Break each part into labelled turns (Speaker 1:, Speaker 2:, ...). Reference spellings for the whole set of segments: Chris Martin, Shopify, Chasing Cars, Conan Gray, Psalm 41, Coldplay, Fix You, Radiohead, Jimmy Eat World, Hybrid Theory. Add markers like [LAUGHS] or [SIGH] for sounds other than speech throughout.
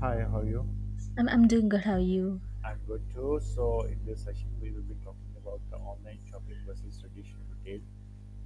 Speaker 1: Hi, how are you?
Speaker 2: I'm doing good. How are you?
Speaker 1: I'm good too. So, in this session, we will be talking about the online shopping versus traditional retail.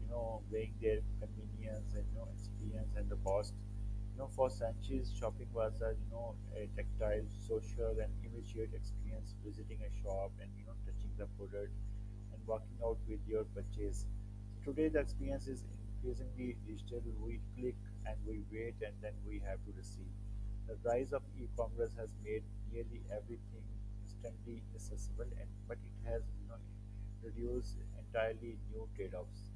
Speaker 1: Weighing their convenience and experience and the cost. For centuries, shopping was a you know a tactile, social, and immediate experience. Visiting a shop and touching the product and walking out with your purchase. So today, the experience is increasingly digital. We click and we wait, and then we have to receive. The rise of e-commerce has made nearly everything instantly accessible, and but it has reduced entirely new trade-offs.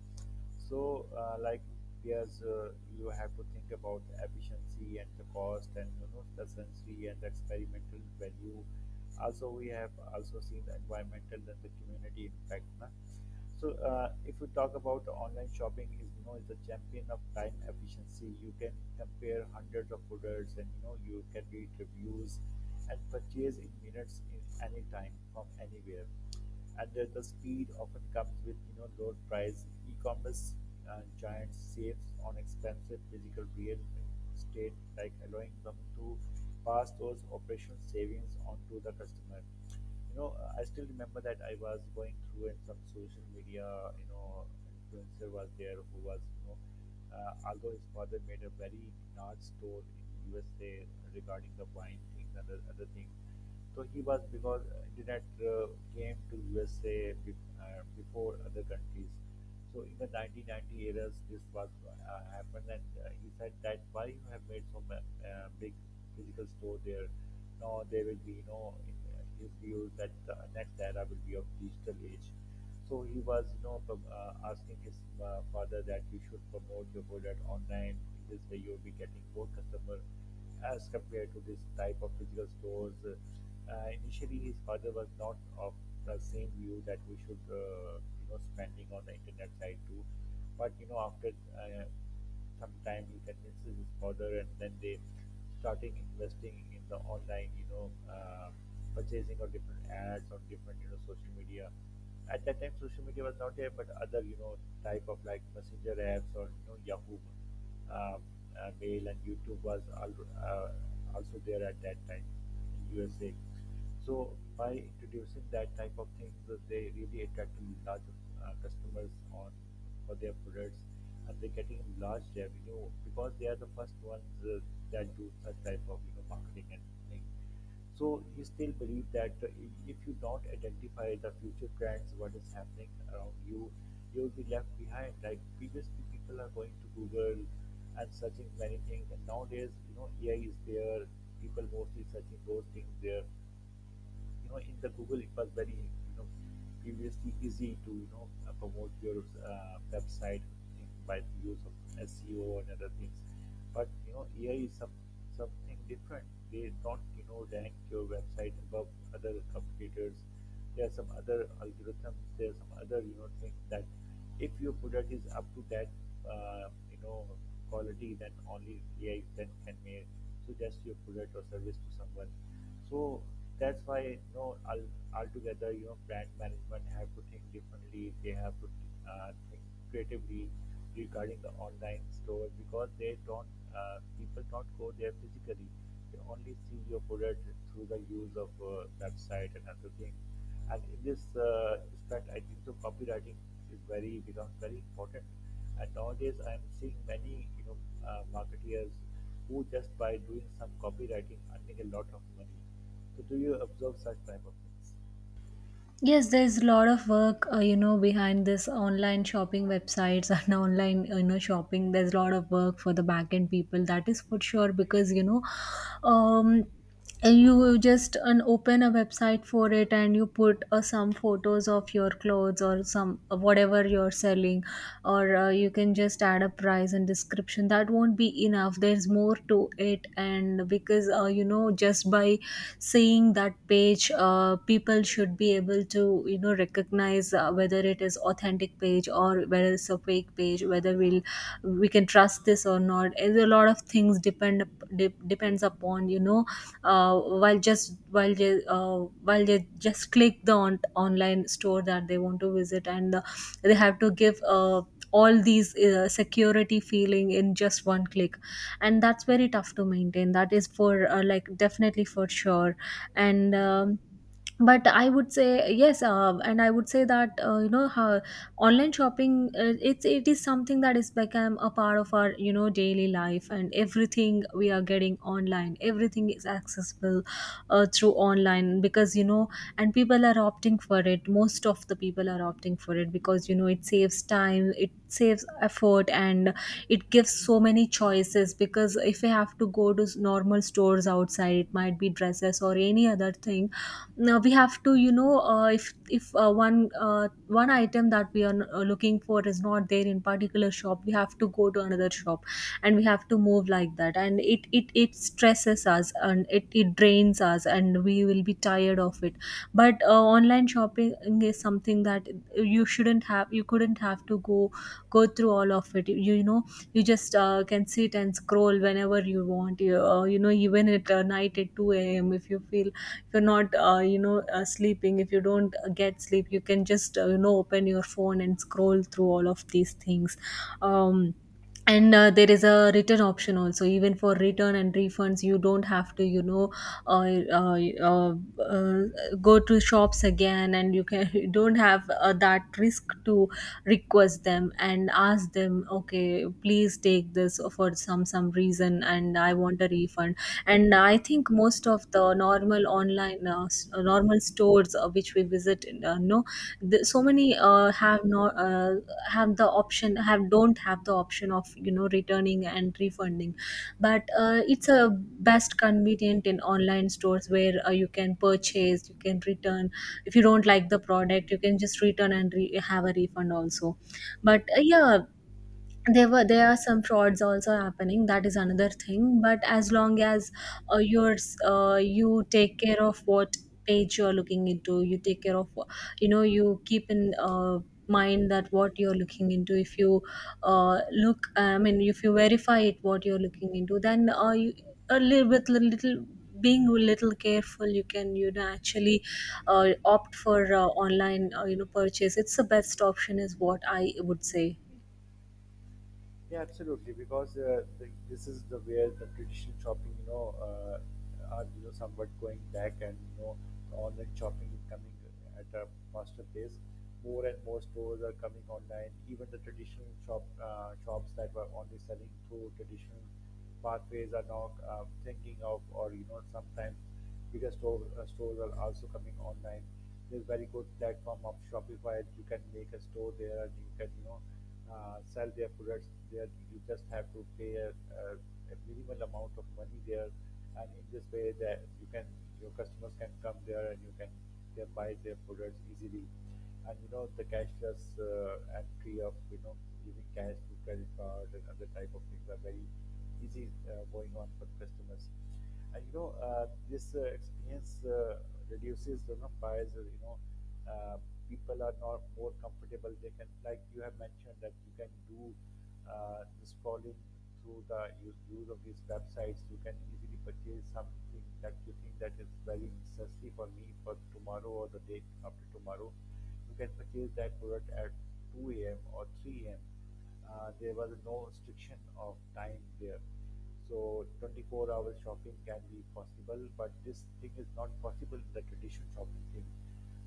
Speaker 1: So, like, there's you have to think about the efficiency and the cost, and the sensory and the experimental value. Also, we have also seen the environmental and the community impact. Na. So, if we talk about the online shopping, is is the champion of time efficiency. You can compare hundreds of products, and you can read reviews and purchase in minutes in any time from anywhere, and the speed often comes with lower price. E-commerce giants saves on expensive physical real estate, like allowing them to pass those operational savings on to the customer. you know I still remember that I was going through and some social media, influencer was there who was although his father made a very large store in USA regarding the wine things and the other things. So he was, because internet uh, came to USA, before other countries. So in the 1990 eras, this was happened, and he said that why you have made so big physical store there. Now there will be, in his view that the next era will be of digital age. So he was, asking his father that you should promote your product online. In this way, you will be getting more customer as compared to this type of physical stores. Initially, his father was not of the same view that we should, spending on the internet side too. But after uh, some time, he convinces his father, and then they starting investing in the online, purchasing of different ads on different, social media. At that time, social media was not there, but other, type of like messenger apps or Yahoo um, mail, and YouTube was also there at that time in USA. So by introducing that type of things, they really attracted large customers on for their products, and they're getting large revenue because they are the first ones that do such type of marketing and thing. So he still believe that if you don't identify the future trends, what is happening around you, you'll be left behind. Like previously, people are going to Google and searching many things, and nowadays, AI is there. People mostly searching those things there. In the Google it was very, previously easy to promote your website, by the use of SEO and other things. But AI is something different. They don't rank your website above other competitors. There are some other algorithms. There are some other, things that if your product is up to that uh, you know quality, then only AI then can may suggest your product or service to someone. So that's why, altogether, brand management have to think differently. They have to think creatively regarding the online store because they don't, people don't go there physically. They only see your product through the use of website and other things. And in this respect, I think so copywriting is very becomes very important. And nowadays, I am seeing many marketeers who just by doing some copywriting earning a lot of money. So, do you observe such type of things?
Speaker 2: Yes, there's a lot of work, behind this online shopping websites [LAUGHS] and online, shopping. There's a lot of work for the backend people. That is for sure because, um, you just an open a website for it, and you put some photos of your clothes or some uh, whatever you're selling, or you can just add a price and description. That won't be enough, there's more to it. And because just by seeing that page, people should be able to recognize whether it is authentic page or whether it's a fake page, whether we can trust this or not. And a lot of things depends upon uh, while just while they uh, while they just click the online store that they want to visit, and they have to give all these security feeling in just one click, and that's very tough to maintain. That is for like definitely for sure. And but I would say yes, and I would say that how online shopping, it is something that is become a part of our daily life, and everything we are getting online, everything is accessible through online, because and people are opting for it. Most of the people are opting for it because it saves time, it saves effort, and it gives so many choices. Because if you have to go to normal stores outside, it might be dresses or any other thing. Now we have to if one item that we are looking for is not there in particular shop, we have to go to another shop, and we have to move like that. And it stresses us, and it drains us, and we will be tired of it. But online shopping is something that you couldn't have to go through all of it. You, you just can sit and scroll whenever you want. You, you know, even at night at 2 a.m., if you feel, if you're not, sleeping, if you don't get sleep, you can just, open your phone and scroll through all of these things. Um, and there is a return option also. Even for return and refunds, you don't have to uh, uh, uh, uh, go to shops again, and you can [LAUGHS] you don't have that risk to request them and ask them, okay, please take this for some reason, and I want a refund. And I think most of the normal online normal stores which we visit, no the, so many have not have the option have don't have the option of returning and refunding. But it's a best convenient in online stores, where you can purchase, you can return. If you don't like the product, you can just return and have a refund also. But yeah, there are some frauds also happening, that is another thing. But as long as you take care of what page you're looking into, you take care of you keep in mind that what you're looking into, if you look I mean if you verify it, what you're looking into, then you, a little, little, being a little careful, you can actually opt for online purchase. It's the best option, is what I would say.
Speaker 1: Yeah, absolutely. Because this is the where the traditional shopping, are somewhat going back, and online shopping is coming at a faster pace. More and more stores are coming online. Even the traditional shops that were only selling through traditional pathways are now thinking of, or sometimes bigger store stores are also coming online. There's very good platform of Shopify. You can make a store there, and you can sell their products there. You just have to pay a minimal amount of money there, and in this way that you can, your customers can come there, and you can, they buy their products easily. And the cashless entry of giving cash through credit card and other type of things are very easy going on for customers. And this experience reduces bias. Uh, People are not more comfortable. They can, like you have mentioned, that you can do the scrolling through the use of these websites. You can easily purchase something that you think that is very necessary for me for tomorrow or the day after tomorrow. You can purchase that product at 2 a.m. or 3 a.m. There was no restriction of time there. So 24-hour shopping can be possible, but this thing is not possible in the traditional shopping thing.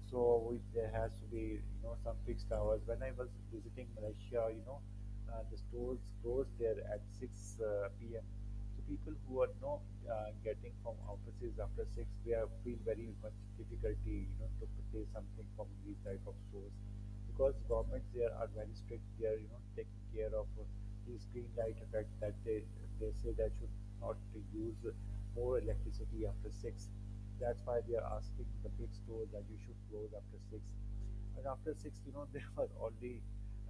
Speaker 1: So we, there has to be some fixed hours. When I was visiting Malaysia, the stores closed there at 6 p.m. So people who are not getting from offices after 6, they are feel very much difficulty, to purchase something from these type of stores, because governments there are very strict. They are, taking care of these green light effect that they say that should not to use more electricity after 6. That's why they are asking the big stores that you should close after 6. But after 6, [LAUGHS] there were only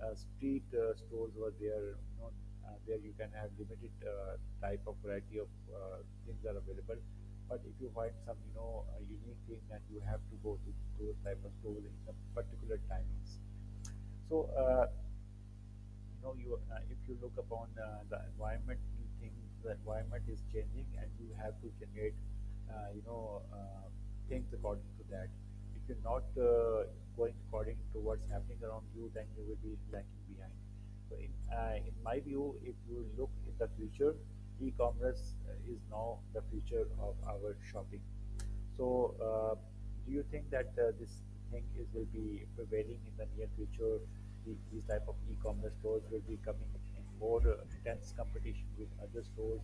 Speaker 1: street stores were there. There you can have limited type of variety of things are available. But if you find some, a unique thing, then you have to go to those type of stores in some particular timings. So. You know you If you look upon the environment, you think the environment is changing and you have to generate uh, you know uh, things according to that. If you're not going according to what's happening around you, then you will be lagging behind. So in my view, if you look in the future, e-commerce is now the future of our shopping. So, do you think that this thing is will be prevailing in the near future? These type of e-commerce stores will be coming in more intense competition with other stores.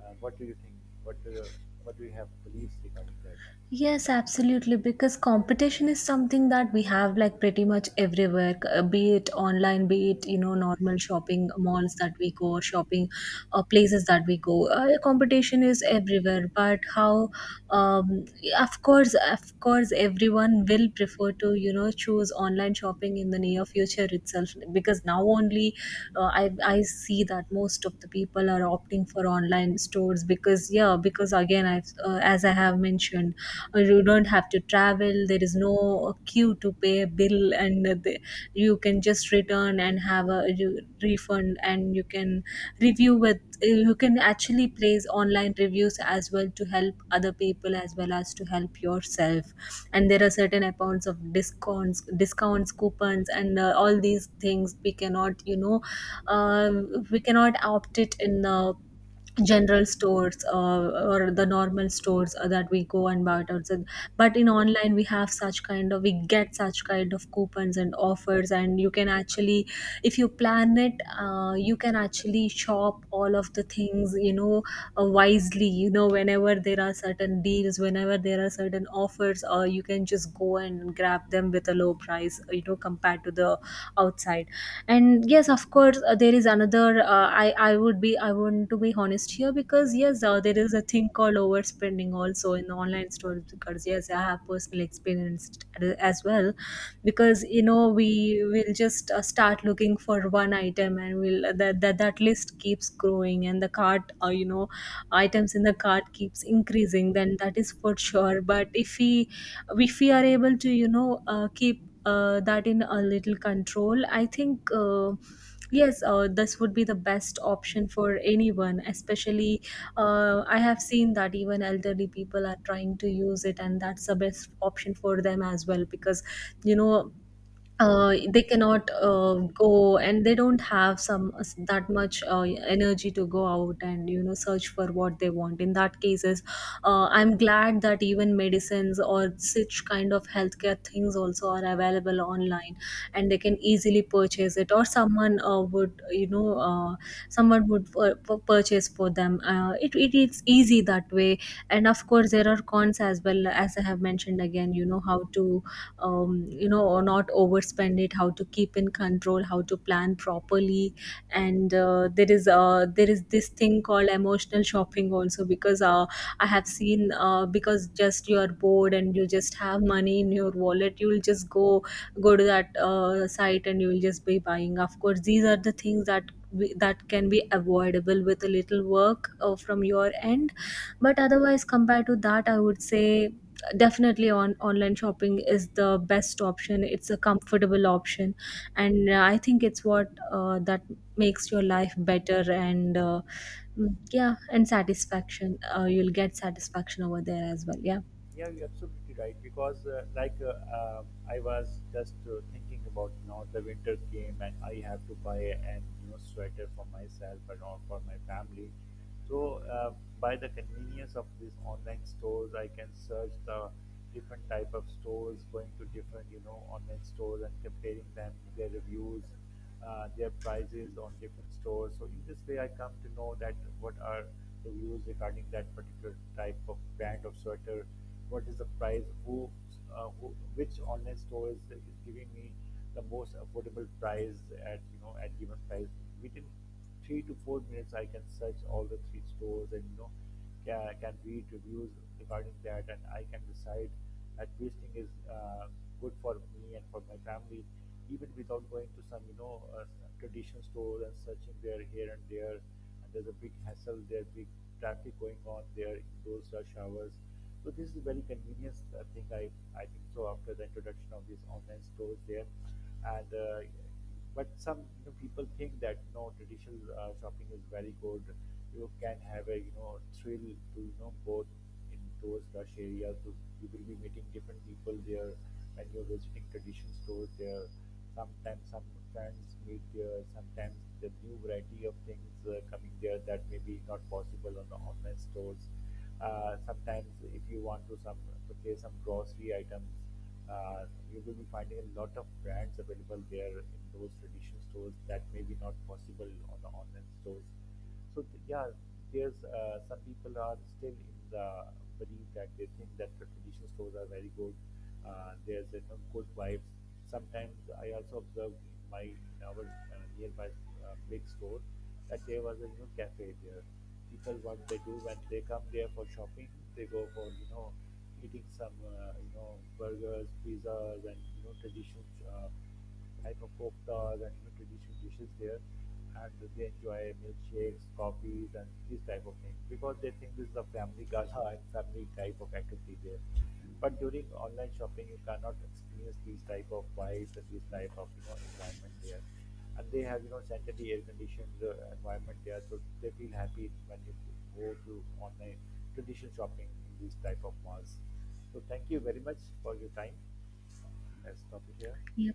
Speaker 1: What do you think? What do you, what do you have beliefs regarding that?
Speaker 2: Yes, absolutely. Because competition is something that we have, like, pretty much everywhere, be it online, be it, normal shopping malls that we go, shopping places that we go. Competition is everywhere. But um, of course, everyone will prefer to, choose online shopping in the near future itself. Because now only I see that most of the people are opting for online stores, because, yeah, because again, as I have mentioned, or you don't have to travel, there is no queue to pay a bill. And you can just return and have a refund, and you can review with you can actually place online reviews as well to help other people as well as to help yourself. And there are certain accounts of discounts, coupons, and all these things we cannot we cannot opt it in the general stores, or the normal stores that we go and buy it outside. But in online we have such kind of, we get such kind of coupons and offers, and you can actually, if you plan it, you can actually shop all of the things, wisely, whenever there are certain deals, whenever there are certain offers, or you can just go and grab them with a low price, compared to the outside. And yes, of course, there is another, I want to be honest here, because yes, there is a thing called overspending also in online stores, because yes, I have personal experience as well. Because we will just start looking for one item, and we'll that list keeps growing, and the cart, items in the cart keeps increasing, then that is for sure. But if we are able to keep that in a little control, I think yes, this would be the best option for anyone, especially I have seen that even elderly people are trying to use it, and that's the best option for them as well. Because you know they cannot go, and they don't have some that much energy to go out and search for what they want in that cases. I'm glad that even medicines or such kind of healthcare things also are available online, and they can easily purchase it, or someone would someone would purchase for them. It is easy that way. And of course there are cons as well, as I have mentioned again, how to or not overspend it, how to keep in control, how to plan properly. And there is this thing called emotional shopping also. Because I have seen, because just you are bored, and you just have money in your wallet, you'll just go to that site, and you'll just be buying. Of course these are the things that that can be avoidable with a little work from your end. But otherwise, compared to that, I would say definitely on online shopping is the best option. It's a comfortable option, and I think it's what that makes your life better. And yeah, and satisfaction, you'll get satisfaction over there as well. Yeah.
Speaker 1: Yeah, you're absolutely right. Because uh, I was just thinking about now the winter came and I have to buy an, sweater for myself and all for my family. So, by the convenience of these online stores, I can search the different type of stores, going to different, online stores, and comparing them, their reviews, their prices on different stores. So in this way, I come to know that what are the views regarding that particular type of brand of sweater, what is the price, who, which online store is giving me the most affordable price at, at given price. We didn't, 3 to 4 minutes I can search all the 3 stores, and can read reviews regarding that, and I can decide that which thing is good for me and for my family, even without going to some, traditional stores, and searching there here and there. And there's a big hassle there, big traffic going on there in those rush hours. So this is a very convenient thing, I think so, after the introduction of these online stores there. And but some, people think that traditional shopping is very good. You can have a, thrill to go in those rush areas. To, you will be meeting different people there when you're visiting traditional stores there. Sometimes some friends meet there. Sometimes the new variety of things coming there that may be not possible on the online stores. Sometimes, if you want to some, purchase some grocery items, uh, you will be finding a lot of brands available there in those traditional stores that may be not possible on the online stores. So yeah, there's some people are still in the belief that they think that the traditional stores are very good. There's a, good vibes. Sometimes I also observed in my, in our nearby big store that there was a, cafe there. People what they do when they come there for shopping, they go for eating some, burgers, pizzas, and traditional uh, type of koftas, and traditional dishes there, and they enjoy milkshakes, coffees, and these type of things, because they think this is a family gala [LAUGHS] and family type of activity there. But during online shopping, you cannot experience these type of vibes and these type of, environment there, and they have, sanitary, air conditioned environment there, so they feel happy when you go to online, traditional shopping in these type of malls. So thank you very much for your time. Let's stop it here.
Speaker 2: yeah